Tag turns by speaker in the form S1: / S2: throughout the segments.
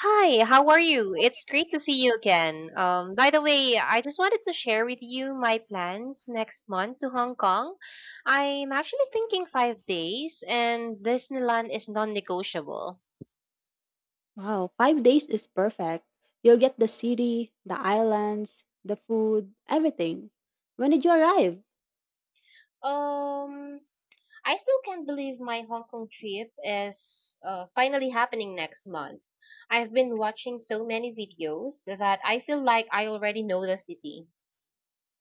S1: Hi, how are you? It's great to see you again. By the way, I just wanted to share with you my plans next month to Hong Kong. I'm actually thinking 5 days, and Disneyland is non-negotiable.
S2: Wow, 5 days is perfect. You'll get the city, the islands, the food, everything. When did you arrive?
S1: Um, I still can't believe my Hong Kong trip is finally happening next month. I've been watching so many videos that I feel like I already know the city.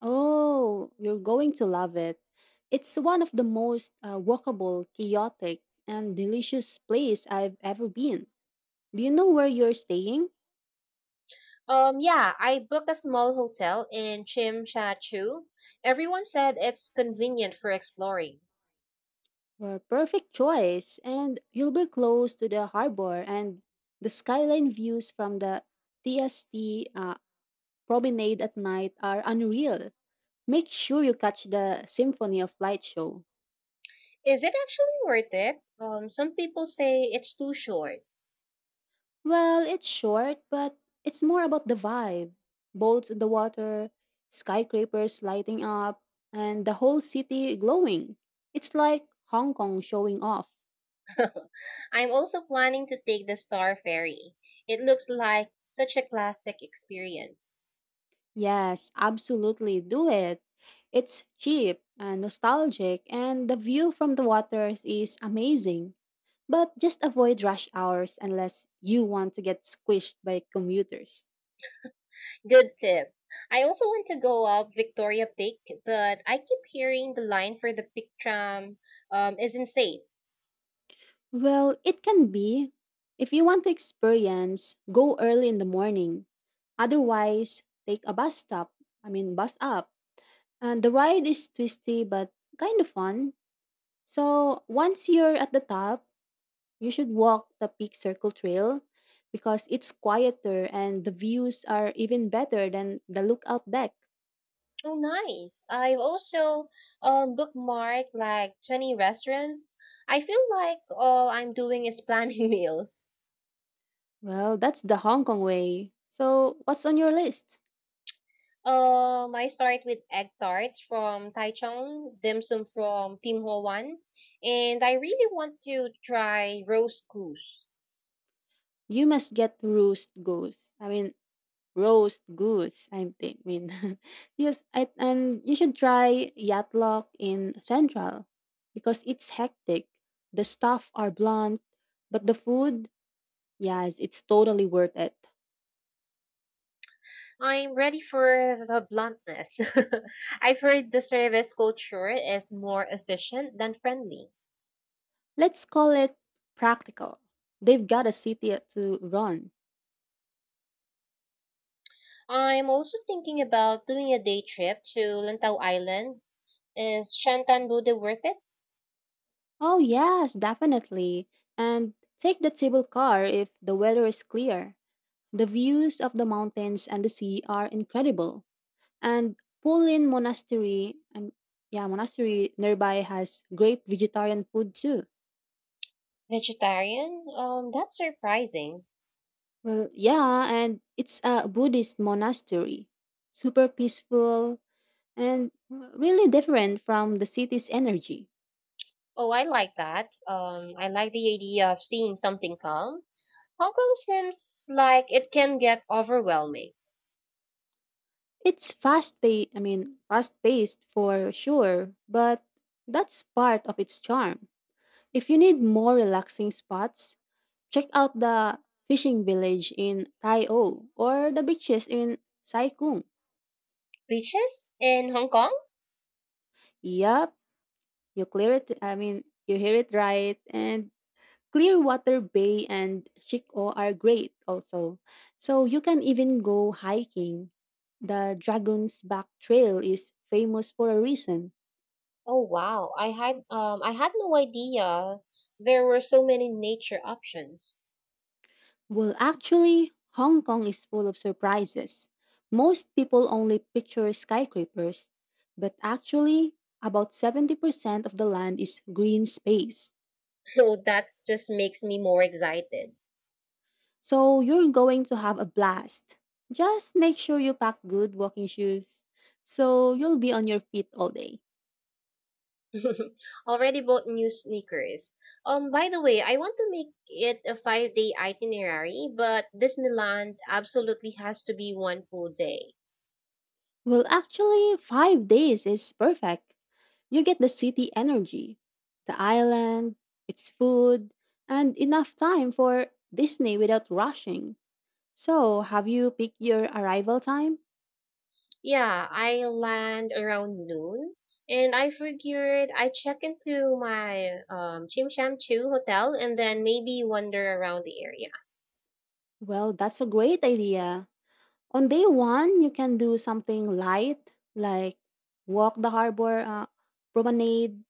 S2: Oh, you're going to love it. It's one of the most walkable, chaotic, and delicious place I've ever been. Do you know where you're staying?
S1: Yeah, I booked a small hotel in Chimchachu. Everyone said it's convenient for exploring.
S2: Well, perfect choice, and you'll be close to the harbor and the skyline views from the TST promenade at night are unreal. Make sure you catch the Symphony of Light show.
S1: Is it actually worth it? Some people say it's too short.
S2: Well, it's short, but it's more about the vibe. Boats in the water, skyscrapers lighting up, and the whole city glowing. It's like Hong Kong showing off.
S1: I'm also planning to take the Star Ferry. It looks like such a classic experience.
S2: Yes, absolutely do it. It's cheap and nostalgic, and the view from the waters is amazing. But just avoid rush hours unless you want to get squished by commuters.
S1: Good tip. I also want to go up Victoria Peak, but I keep hearing the line for the Peak tram is insane.
S2: Well, it can be. If you want to experience, go early in the morning. Otherwise, take a bus stop. I mean, bus up. And the ride is twisty but kind of fun. So once you're at the top, you should walk the Peak Circle Trail because it's quieter and the views are even better than the lookout deck.
S1: Oh, nice. I've also bookmarked like 20 restaurants. I feel like all I'm doing is planning meals.
S2: Well, that's the Hong Kong way. So, what's on your list?
S1: I start with egg tarts from Taichung, dim sum from Tim Ho Wan, and I really want to try roast goose.
S2: You must get roast goose. I mean, roast goose. Yes, I, and you should try Yatlok in Central because it's hectic. The staff are blunt, but the food, yes, it's totally worth it.
S1: I'm ready for the bluntness. I've heard the service culture is more efficient than friendly.
S2: Let's call it practical. They've got a city to run.
S1: I'm also thinking about doing a day trip to Lantau Island. Is Shantan Bude worth it?
S2: Oh, yes, definitely. And take the table car if the weather is clear. The views of the mountains and the sea are incredible. And Pulin Monastery, yeah, monastery nearby has great vegetarian food too.
S1: Vegetarian? That's surprising.
S2: Well, yeah, and it's a Buddhist monastery. Super peaceful and, well, really different from the city's energy.
S1: Oh, I like that. I like the idea of seeing something calm. Hong Kong seems like it can get overwhelming.
S2: It's fast paced, I mean, fast paced for sure, but that's part of its charm. If you need more relaxing spots, check out the fishing village in Tai O or the beaches in Sai Kung.
S1: Beaches in Hong Kong?
S2: Yup, you clear it, I mean, you hear it right. And Clearwater Bay and Shiko are great also. So you can even go hiking. The Dragon's Back Trail is famous for a reason.
S1: Oh wow, I had no idea there were so many nature options.
S2: Well, actually, Hong Kong is full of surprises. Most people only picture skyscrapers, but actually, about 70% of the land is green space.
S1: So that just makes me more excited.
S2: So you're going to have a blast. Just make sure you pack good walking shoes so you'll be on your feet all day.
S1: Already bought new sneakers. By the way, I want to make it a 5-day itinerary, but Disneyland absolutely has to be one full day.
S2: Well, actually, 5 days is perfect. You get the city energy, the island, its food, and enough time for Disney without rushing. So, have you picked your arrival time?
S1: Yeah, I land around noon, and I figured I check into my Chimshamchu hotel and then maybe wander around the area.
S2: Well, that's a great idea. On day one, you can do something light like walk the harbor promenade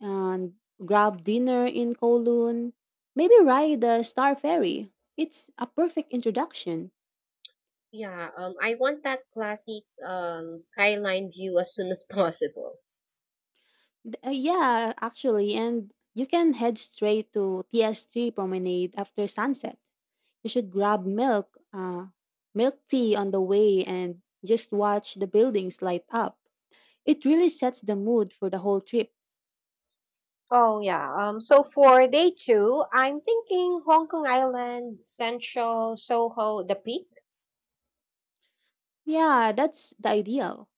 S2: and grab dinner in Kowloon. Maybe ride the Star Ferry. It's a perfect introduction.
S1: Yeah, I want that classic skyline view as soon as possible.
S2: Yeah, actually, and you can head straight to TSG Promenade after sunset. You should grab milk tea on the way and just watch the buildings light up. It really sets the mood for the whole trip.
S1: Oh yeah. So for day two, I'm thinking Hong Kong Island, Central, Soho, the Peak.
S2: Yeah, that's the ideal.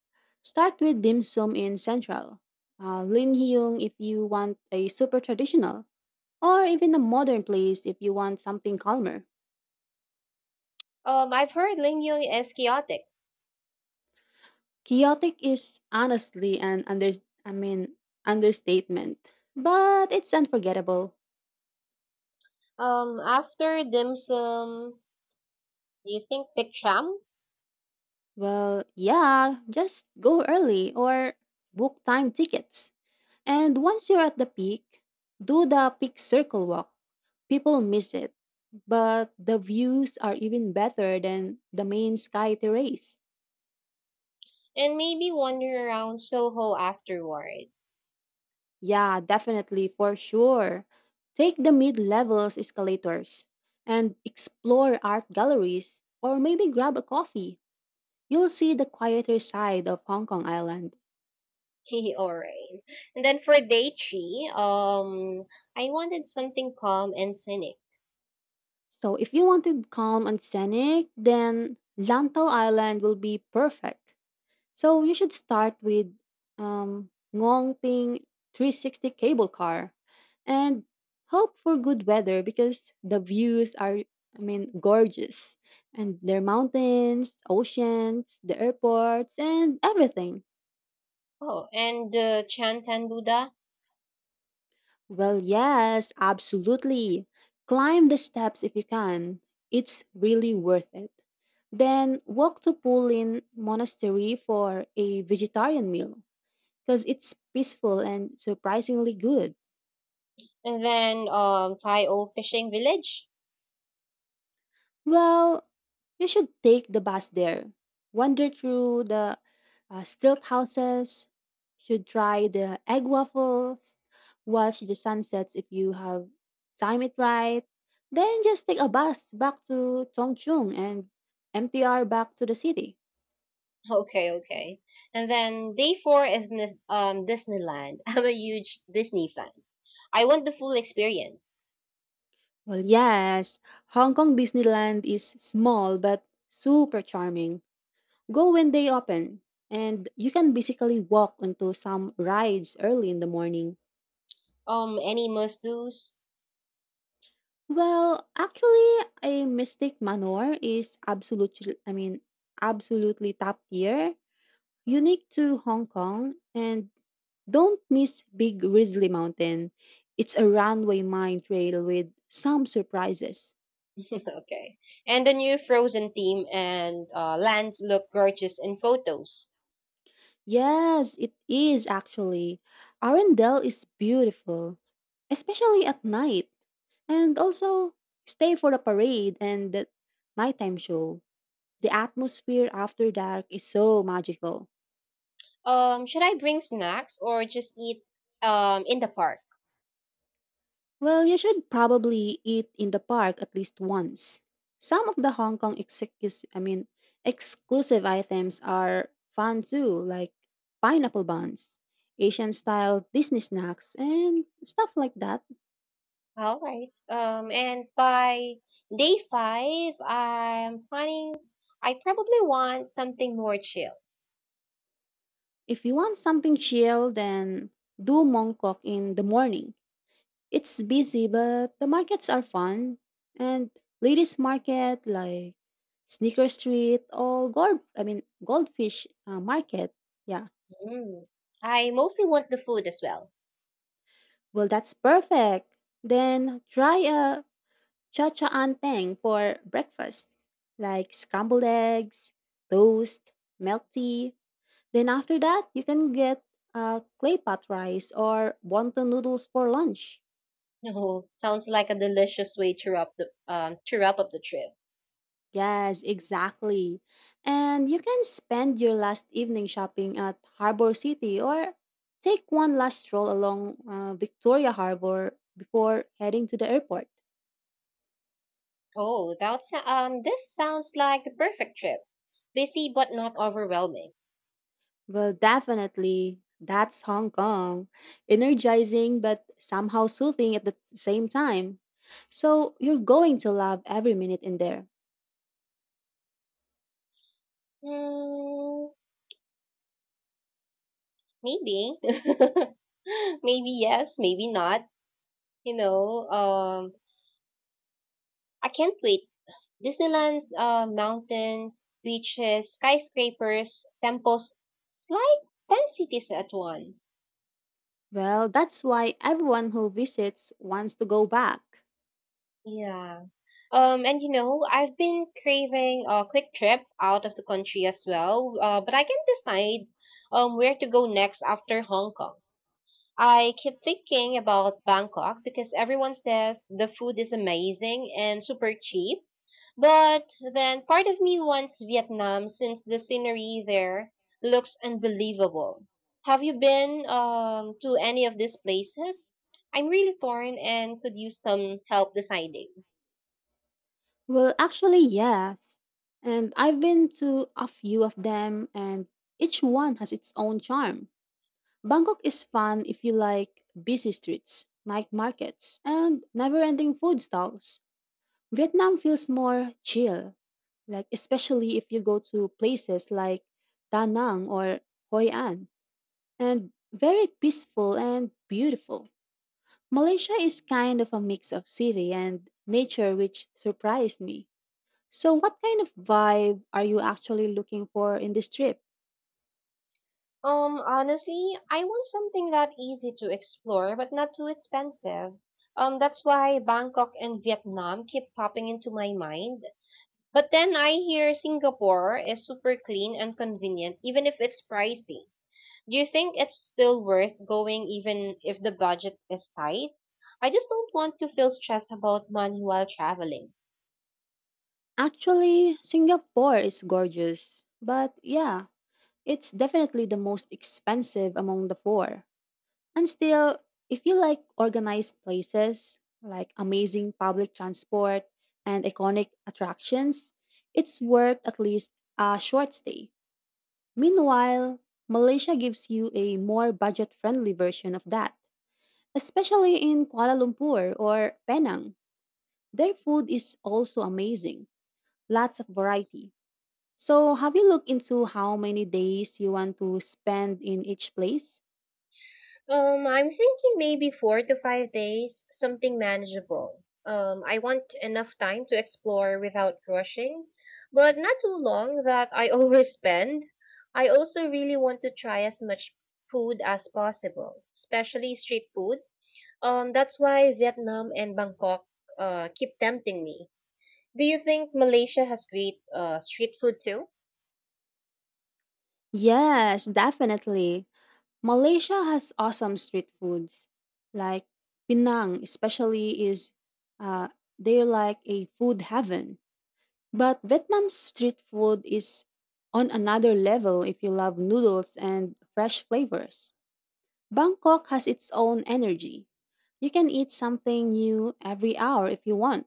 S2: Start with dim sum in Central. Lin Hyung if you want a super traditional, or even a modern place if you want something calmer.
S1: I've heard Ling Yun is chaotic.
S2: Chaotic is honestly an I mean understatement, but it's unforgettable.
S1: After dim sum, do you think Big Cham?
S2: Well, yeah, just go early or book time tickets. And once you're at the peak, do the peak circle walk. People miss it, but the views are even better than the main sky terrace.
S1: And maybe wander around Soho afterward.
S2: Yeah, definitely, for sure. Take the mid levels escalators and explore art galleries or maybe grab a coffee. You'll see the quieter side of Hong Kong Island.
S1: Alright. And then for day three, I wanted something calm and scenic.
S2: So if you wanted calm and scenic, then Lantau Island will be perfect. So you should start with um, Ngong Ping 360 cable car and hope for good weather because the views are, I mean, gorgeous. And there are mountains, oceans, the airports, and everything.
S1: Oh, and Chantan Buddha,
S2: Well, yes, absolutely. Climb the steps if you can. It's really worth it. Then walk to Pulin Monastery for a vegetarian meal because it's peaceful and surprisingly good.
S1: and then Tai O fishing village.
S2: Well, you should take the bus there. Wander through the stilt houses. Should try the egg waffles. Watch the sunsets if you have time it right. Then just take a bus back to Tongchung and MTR back to the city.
S1: Okay, okay. And then day four is Disneyland. I'm a huge Disney fan. I want the full experience.
S2: Well, yes, Hong Kong Disneyland is small but super charming. Go when they open, and you can basically walk onto some rides early in the morning.
S1: Any must do's?
S2: Well, actually, a Mystic Manor is absolutely, I mean, absolutely top tier, unique to Hong Kong, and don't miss Big Grizzly Mountain. It's a runway mine trail with some surprises.
S1: Okay. And the new Frozen theme and lands look gorgeous in photos.
S2: Yes, it is actually. Arendelle is beautiful, especially at night. And also, stay for the parade and the nighttime show. The atmosphere after dark is so magical.
S1: Should I bring snacks or just eat in the park?
S2: Well, you should probably eat in the park at least once. Some of the Hong Kong exclusive items are fun too, like pineapple buns, Asian style Disney snacks, and stuff like that.
S1: All right. And by day five, I'm planning. I probably want something more chill.
S2: If you want something chill, then do Mong Kok in the morning. It's busy, but the markets are fun. And ladies' market, like Sneaker Street or Goldfish Market. Yeah.
S1: Mm. I mostly want the food as well.
S2: Well, that's perfect. Then try a cha cha anteng for breakfast, like scrambled eggs, toast, milk tea. Then after that, you can get clay pot rice or wonton noodles for lunch.
S1: Oh, sounds like a delicious way to wrap the to wrap up the trip.
S2: Yes, exactly. And you can spend your last evening shopping at Harbor City or take one last stroll along Victoria Harbor before heading to the airport.
S1: Oh, that's this sounds like the perfect trip. Busy but not overwhelming.
S2: Well, definitely. That's Hong Kong. Energizing but somehow soothing at the same time. So you're going to love every minute in there.
S1: Hmm, maybe. Maybe yes, maybe not. You know, um I can't wait. Disneyland, mountains, beaches, skyscrapers, temples. It's like 10 cities at one.
S2: Well, that's why everyone who visits wants to go back.
S1: Yeah. And I've been craving a quick trip out of the country as well, but I can't decide where to go next after Hong Kong. I keep thinking about Bangkok because everyone says the food is amazing and super cheap. But then part of me wants Vietnam since the scenery there looks unbelievable. Have you been to any of these places? I'm really torn and could use some help deciding.
S2: Well, actually, yes. And I've been to a few of them, and each one has its own charm. Bangkok is fun if you like busy streets, night markets, and never ending food stalls. Vietnam feels more chill, like especially if you go to places like Da Nang or Hoi An, and very peaceful and beautiful. Malaysia is kind of a mix of city and nature, which surprised me. So, what kind of vibe are you actually looking for in this trip?
S1: Honestly, I want something that easy to explore but not too expensive. That's why Bangkok and Vietnam keep popping into my mind. But then I hear Singapore is super clean and convenient, even if it's pricey. Do you think it's still worth going even if the budget is tight? I just don't want to feel stressed about money while traveling.
S2: Actually, Singapore is gorgeous, but yeah, it's definitely the most expensive among the four. And still, if you like organized places, like amazing public transport and iconic attractions, it's worth at least a short stay. Meanwhile, Malaysia gives you a more budget friendly version of that, especially in Kuala Lumpur or Penang. Their food is also amazing, lots of variety. So, have you looked into how many days you want to spend in each place?
S1: I'm thinking maybe 4 to 5 days, something manageable. I want enough time to explore without rushing, but not too long that I overspend. I also really want to try as much food as possible, especially street food. That's why Vietnam and Bangkok keep tempting me. Do you think Malaysia has great street food too?
S2: Yes, definitely. Malaysia has awesome street foods, like Penang, especially is uh, they're like a food heaven. But Vietnam's street food is on another level if you love noodles and fresh flavors. Bangkok has its own energy. You can eat something new every hour if you want.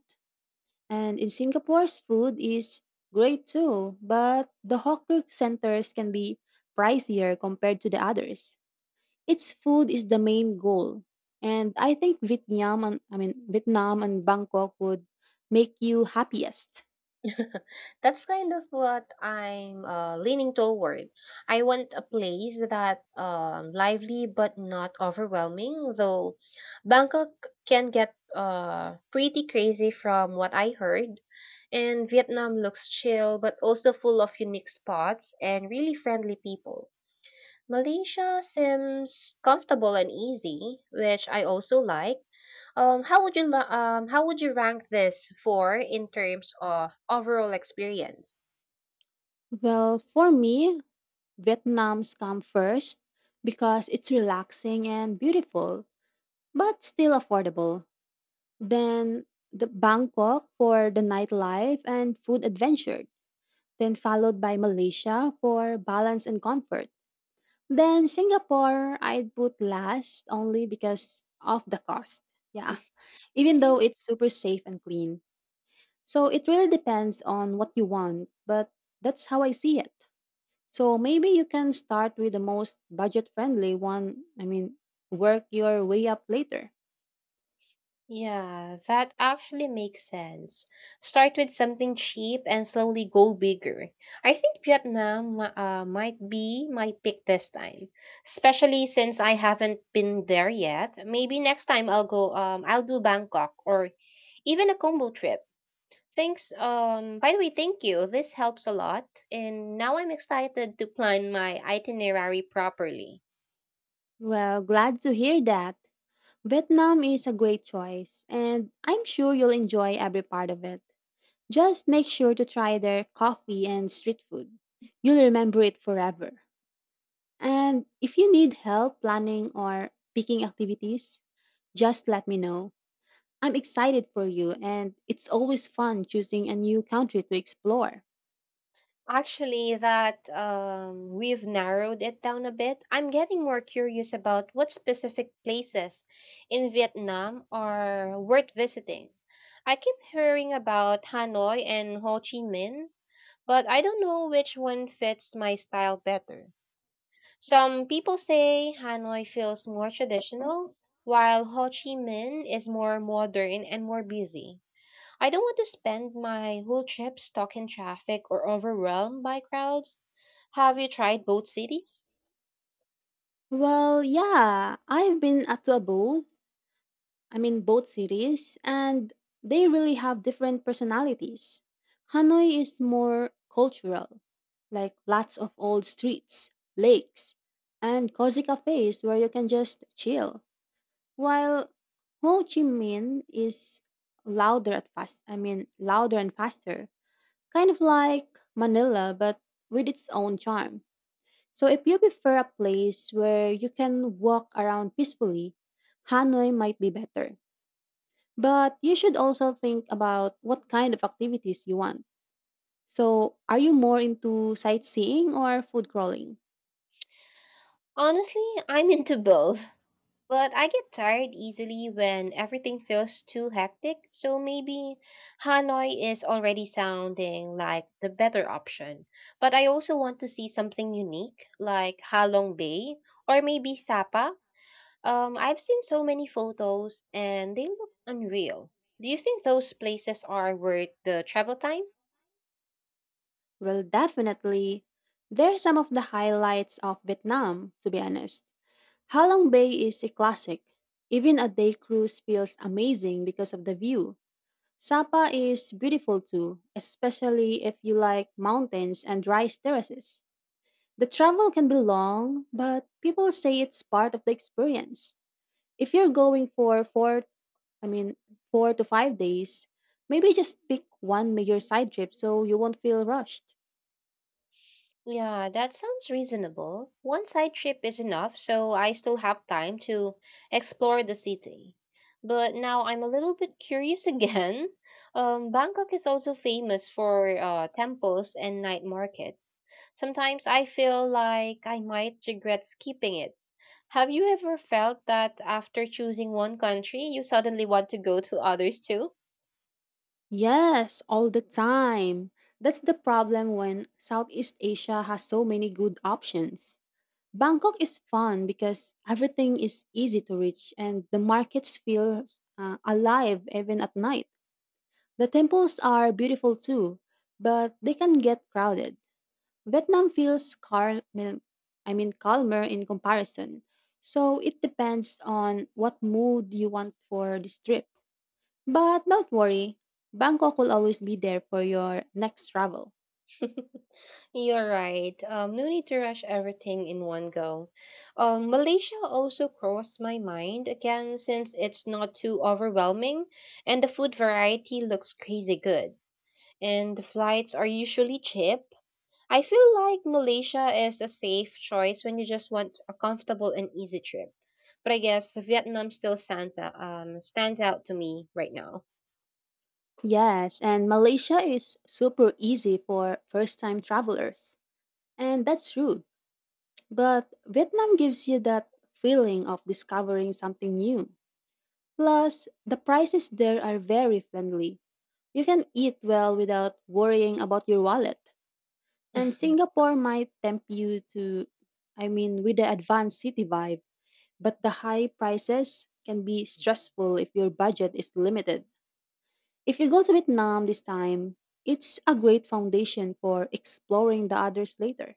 S2: And in Singapore's food is great too, but the hawker centers can be pricier compared to the others. Its food is the main goal. And I think Vietnam and Bangkok would make you happiest.
S1: That's kind of what I'm leaning toward. I want a place that lively but not overwhelming, though Bangkok can get pretty crazy from what I heard. And Vietnam looks chill but also full of unique spots and really friendly people. Malaysia seems comfortable and easy, which I also like. How would you rank this for in terms of overall experience?
S2: Well, for me, Vietnam's come first because it's relaxing and beautiful, but still affordable. Then the Bangkok for the nightlife and food adventure, then followed by Malaysia for balance and comfort. Then Singapore, I'd put last only because of the cost. Yeah. Even though it's super safe and clean. So it really depends on what you want, but that's how I see it. So maybe you can start with the most budget friendly one. I mean, work your way up later.
S1: Yeah, that actually makes sense. Start with something cheap and slowly go bigger. I think Vietnam might be my pick this time, especially since I haven't been there yet. Maybe next time I'll do Bangkok or even a combo trip. Thanks, by the way, thank you. This helps a lot and now I'm excited to plan my itinerary properly.
S2: Well, glad to hear that. Vietnam is a great choice, and I'm sure you'll enjoy every part of it. Just make sure to try their coffee and street food. You'll remember it forever. And if you need help planning or picking activities, just let me know. I'm excited for you, and it's always fun choosing a new country to explore.
S1: Actually, that we've narrowed it down a bit. I'm getting more curious about what specific places in Vietnam are worth visiting. I keep hearing about Hanoi and Ho Chi Minh, but I don't know which one fits my style better. Some people say Hanoi feels more traditional, while Ho Chi Minh is more modern and more busy. I don't want to spend my whole trip stuck in traffic or overwhelmed by crowds. Have you tried both cities?
S2: Well, yeah, I've been at to a both. I mean, both cities, and they really have different personalities. Hanoi is more cultural, like lots of old streets, lakes, and cozy cafes where you can just chill. While Ho Chi Minh is louder at fast. I mean, louder and faster. Kind of like Manila, but with its own charm. So if you prefer a place where you can walk around peacefully, Hanoi might be better. But you should also think about what kind of activities you want. So, are you more into sightseeing or food crawling?
S1: Honestly, I'm into both, but I get tired easily when everything feels too hectic, so maybe Hanoi is already sounding like the better option. But I also want to see something unique, like Halong Bay or maybe Sapa. I've seen so many photos and they look unreal. Do you think those places are worth the travel time?
S2: Well, definitely. There are some of the highlights of Vietnam, to be honest. Halong Bay is a classic. Even a day cruise feels amazing because of the view. Sapa is beautiful too, especially if you like mountains and rice terraces. The travel can be long, but people say it's part of the experience. If you're going for I mean, four to five days, maybe just pick one major side trip so you won't feel rushed.
S1: Yeah, that sounds reasonable. One side trip is enough, so I still have time to explore the city. But now I'm a little bit curious again. Bangkok is also famous for temples and night markets. Sometimes I feel like I might regret skipping it. Have you ever felt that after choosing one country, you suddenly want to go to others too?
S2: Yes, all the time. That's the problem when Southeast Asia has so many good options. Bangkok is fun because everything is easy to reach and the markets feel alive even at night. The temples are beautiful too, but they can get crowded. Vietnam feels calmer in comparison. So it depends on what mood you want for this trip. But don't worry, Bangkok will always be there for your next travel.
S1: You're right. No need to rush everything in one go. Malaysia also crossed my mind again since it's not too overwhelming and the food variety looks crazy good. And the flights are usually cheap, I feel like Malaysia is a safe choice when you just want a comfortable and easy trip. But I guess Vietnam still stands out to me right now.
S2: Yes, and Malaysia is super easy for first-time travelers. And that's true. But Vietnam gives you that feeling of discovering something new. Plus, the prices there are very friendly. You can eat well without worrying about your wallet. And Singapore might tempt you to, I mean, with the advanced city vibe, but the high prices can be stressful if your budget is limited. If you go to Vietnam this time, it's a great foundation for exploring the others later.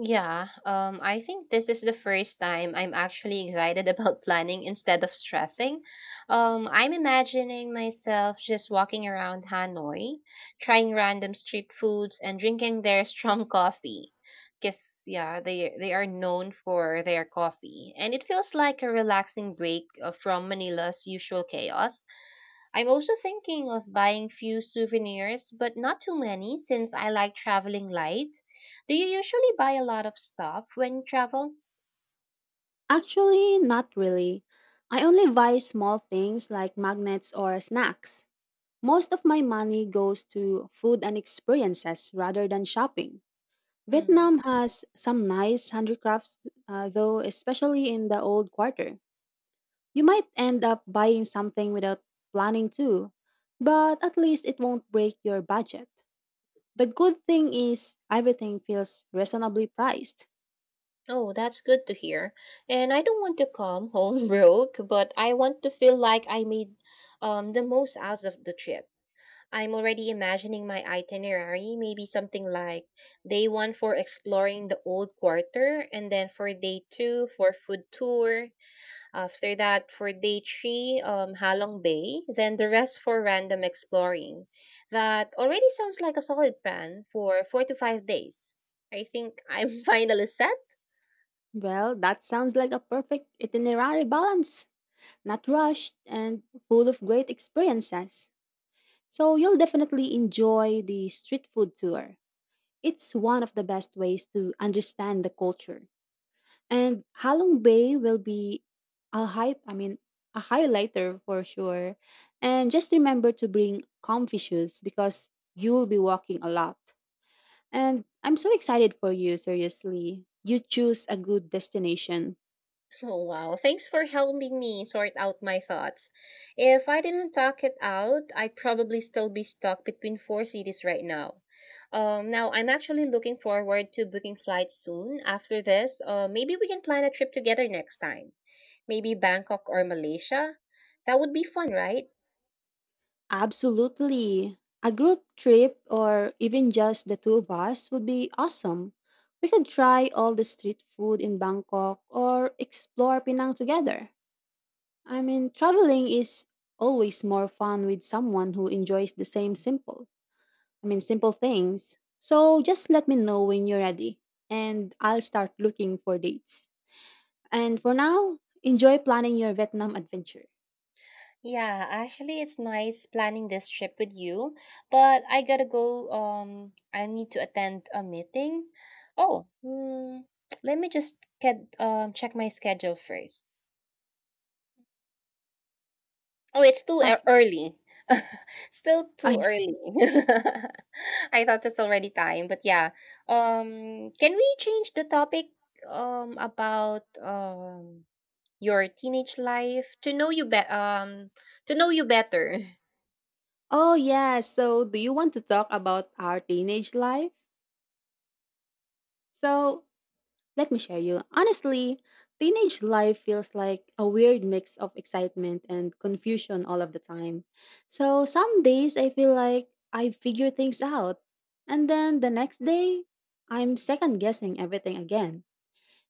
S1: Yeah, I think this is the first time I'm actually excited about planning instead of stressing. I'm imagining myself just walking around Hanoi, trying random street foods and drinking their strong coffee. Because, yeah, they are known for their coffee. And it feels like a relaxing break from Manila's usual chaos. I'm also thinking of buying few souvenirs, but not too many since I like traveling light. Do you usually buy a lot of stuff when you travel?
S2: Actually, not really. I only buy small things like magnets or snacks. Most of my money goes to food and experiences rather than shopping.
S1: Mhm.
S2: Vietnam has some nice handicrafts, though, especially in the old quarter. You might end up buying something without planning to, but at least it won't break your budget. The good thing is everything feels reasonably priced.
S1: Oh, that's good to hear. And I don't want to come home broke, but I want to feel like I made the most out of the trip. I'm already imagining my itinerary, maybe something like day one for exploring the old quarter, and then for day two for food tour. After that, for day three, Halong Bay, then the rest for random exploring. That already sounds like a solid plan for 4 to 5 days. I think I'm finally set.
S2: Well, that sounds like a perfect itinerary balance, not rushed, and full of great experiences. So you'll definitely enjoy the street food tour. It's one of the best ways to understand the culture. And Halong Bay will be a high I mean a highlighter for sure. And just remember to bring comfy shoes because you'll be walking a lot. And I'm so excited for you, seriously. You choose a good destination.
S1: Oh, wow. Thanks for helping me sort out my thoughts. If I didn't talk it out, I'd probably still be stuck between four cities right now. Now, I'm actually looking forward to booking flights soon. After this, maybe we can plan a trip together next time. Maybe Bangkok or Malaysia? That would be fun, right?
S2: Absolutely. A group trip or even just the two of us would be awesome. We could try all the street food in Bangkok or explore Penang together. I mean, traveling is always more fun with someone who enjoys the same simple, I mean, simple things. So just let me know when you're ready and I'll start looking for dates. And for now, enjoy planning your Vietnam adventure.
S1: Yeah, actually, it's nice planning this trip with you, but I gotta go. I need to attend a meeting. Oh, let me just get check my schedule first. Oh, it's too early. Still too
S2: Okay.
S1: early. I thought it's already time, but yeah. Can we change the topic about your teenage life to know you better.
S2: Oh, yeah. So, do you want to talk about our teenage life? So, let me share you. Honestly, teenage life feels like a weird mix of excitement and confusion all of the time. So, some days I feel like I figure things out, and then the next day, I'm second guessing everything again.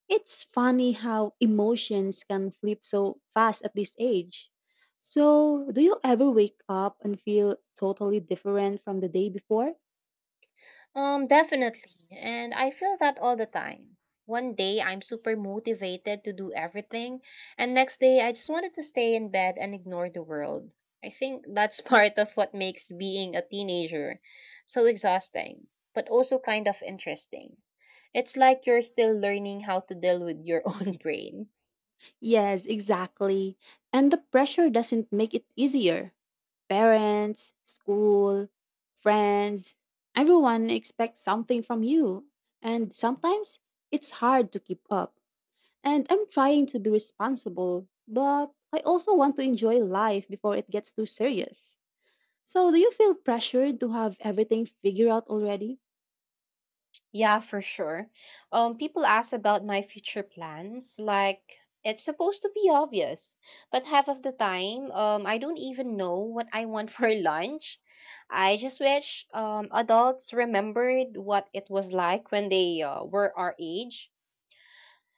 S2: It's funny how emotions can flip so fast at this age. So, do you ever wake up and feel totally different from the day before?
S1: Definitely, and I feel that all the time. One day I'm super motivated to do everything, and next day I just wanted to stay in bed and ignore the world. I think that's part of what makes being a teenager so exhausting, but also kind of interesting. It's like you're still learning how to deal with your own brain.
S2: Yes, exactly. And the pressure doesn't make it easier. Parents, school, friends, everyone expects something from you. And sometimes it's hard to keep up. And I'm trying to be responsible, but I also want to enjoy life before it gets too serious. So, do you feel pressured to have everything figured out already?
S1: Yeah, for sure. People ask about my future plans. Like, it's supposed to be obvious, but half of the time, I don't even know what I want for lunch. I just wish adults remembered what it was like when they were our age.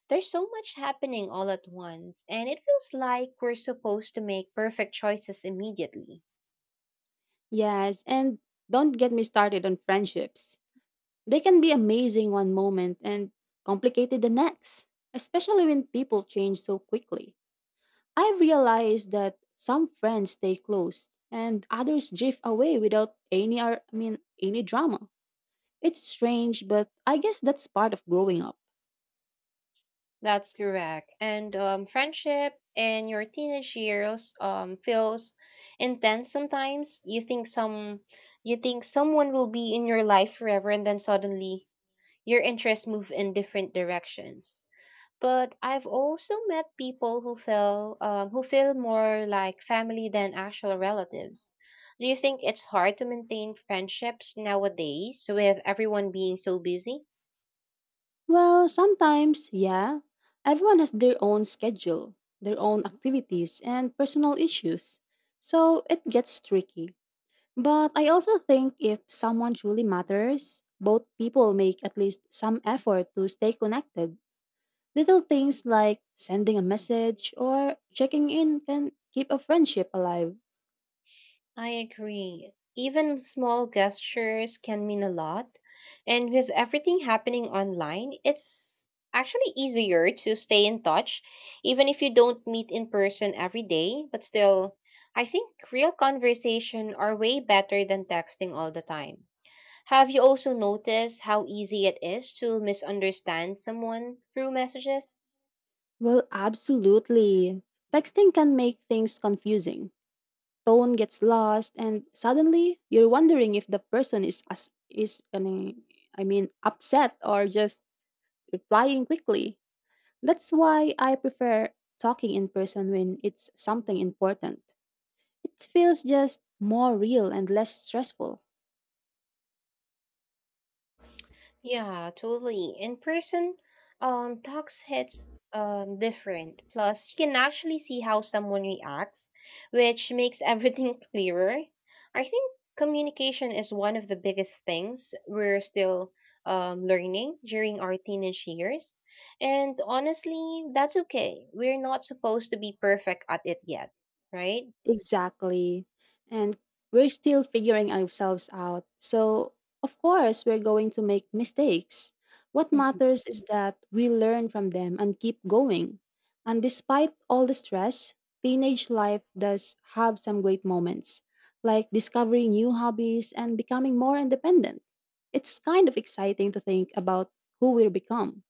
S1: There's so much happening all at once, and it feels like we're supposed to make perfect choices immediately.
S2: Yes, and don't get me started on friendships. They can be amazing one moment and complicated the next, especially when people change so quickly. I realized that some friends stay close and others drift away without any drama. It's strange, but I guess that's part of growing up.
S1: That's correct. And friendship in your teenage years feels intense sometimes. You think someone will be in your life forever, and then suddenly your interests move in different directions. But I've also met people who feel more like family than actual relatives. Do you think it's hard to maintain friendships nowadays with everyone being so busy?
S2: Well, sometimes, yeah, everyone has their own schedule, their own activities and personal issues. So it gets tricky. But I also think if someone truly matters, both people make at least some effort to stay connected. Little things like sending a message or checking in can keep a friendship alive.
S1: I agree. Even small gestures can mean a lot. And with everything happening online, it's actually easier to stay in touch, even if you don't meet in person every day. But still, I think real conversation are way better than texting all the time. Have you also noticed how easy it is to misunderstand someone through messages?
S2: Well, absolutely. Texting can make things confusing. Tone gets lost and suddenly you're wondering if the person is upset or just replying quickly. That's why I prefer talking in person when it's something important. It feels just more real and less stressful.
S1: Yeah, totally. In person, talks hits different. Plus, you can actually see how someone reacts, which makes everything clearer. I think communication is one of the biggest things we're still learning during our teenage years. And honestly, that's okay. We're not supposed to be perfect at it yet, right?
S2: Exactly. And we're still figuring ourselves out. So, of course, we're going to make mistakes. What matters is that we learn from them and keep going. And despite all the stress, teenage life does have some great moments, like discovering new hobbies and becoming more independent. It's kind of exciting to think about who we'll become.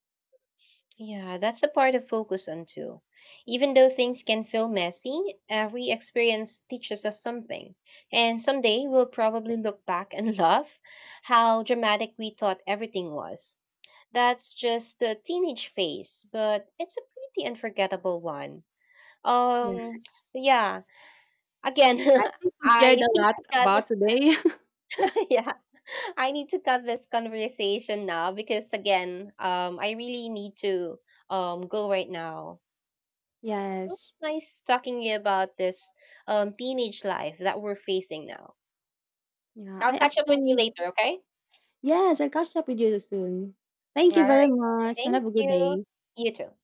S1: Yeah, that's the part of focus on too. Even though things can feel messy, every experience teaches us something. And someday we'll probably look back and laugh how dramatic we thought everything was. That's just the teenage phase, but it's a pretty unforgettable one. Um,
S2: Yes.
S1: yeah, again,
S2: I think we
S1: I
S2: shared a
S1: need
S2: lot
S1: to cut,
S2: about today.
S1: yeah, I need to cut this conversation now because again, I really need to go right now. Feels
S2: Yes.
S1: nice talking you about this teenage life that we're facing now.
S2: Yeah,
S1: I'll
S2: I
S1: catch up with you
S2: actually
S1: later, okay?
S2: yes, I'll catch up with you soon. Thank
S1: All
S2: you
S1: right.
S2: very much and
S1: Thank
S2: have a good
S1: you.
S2: day.
S1: You too.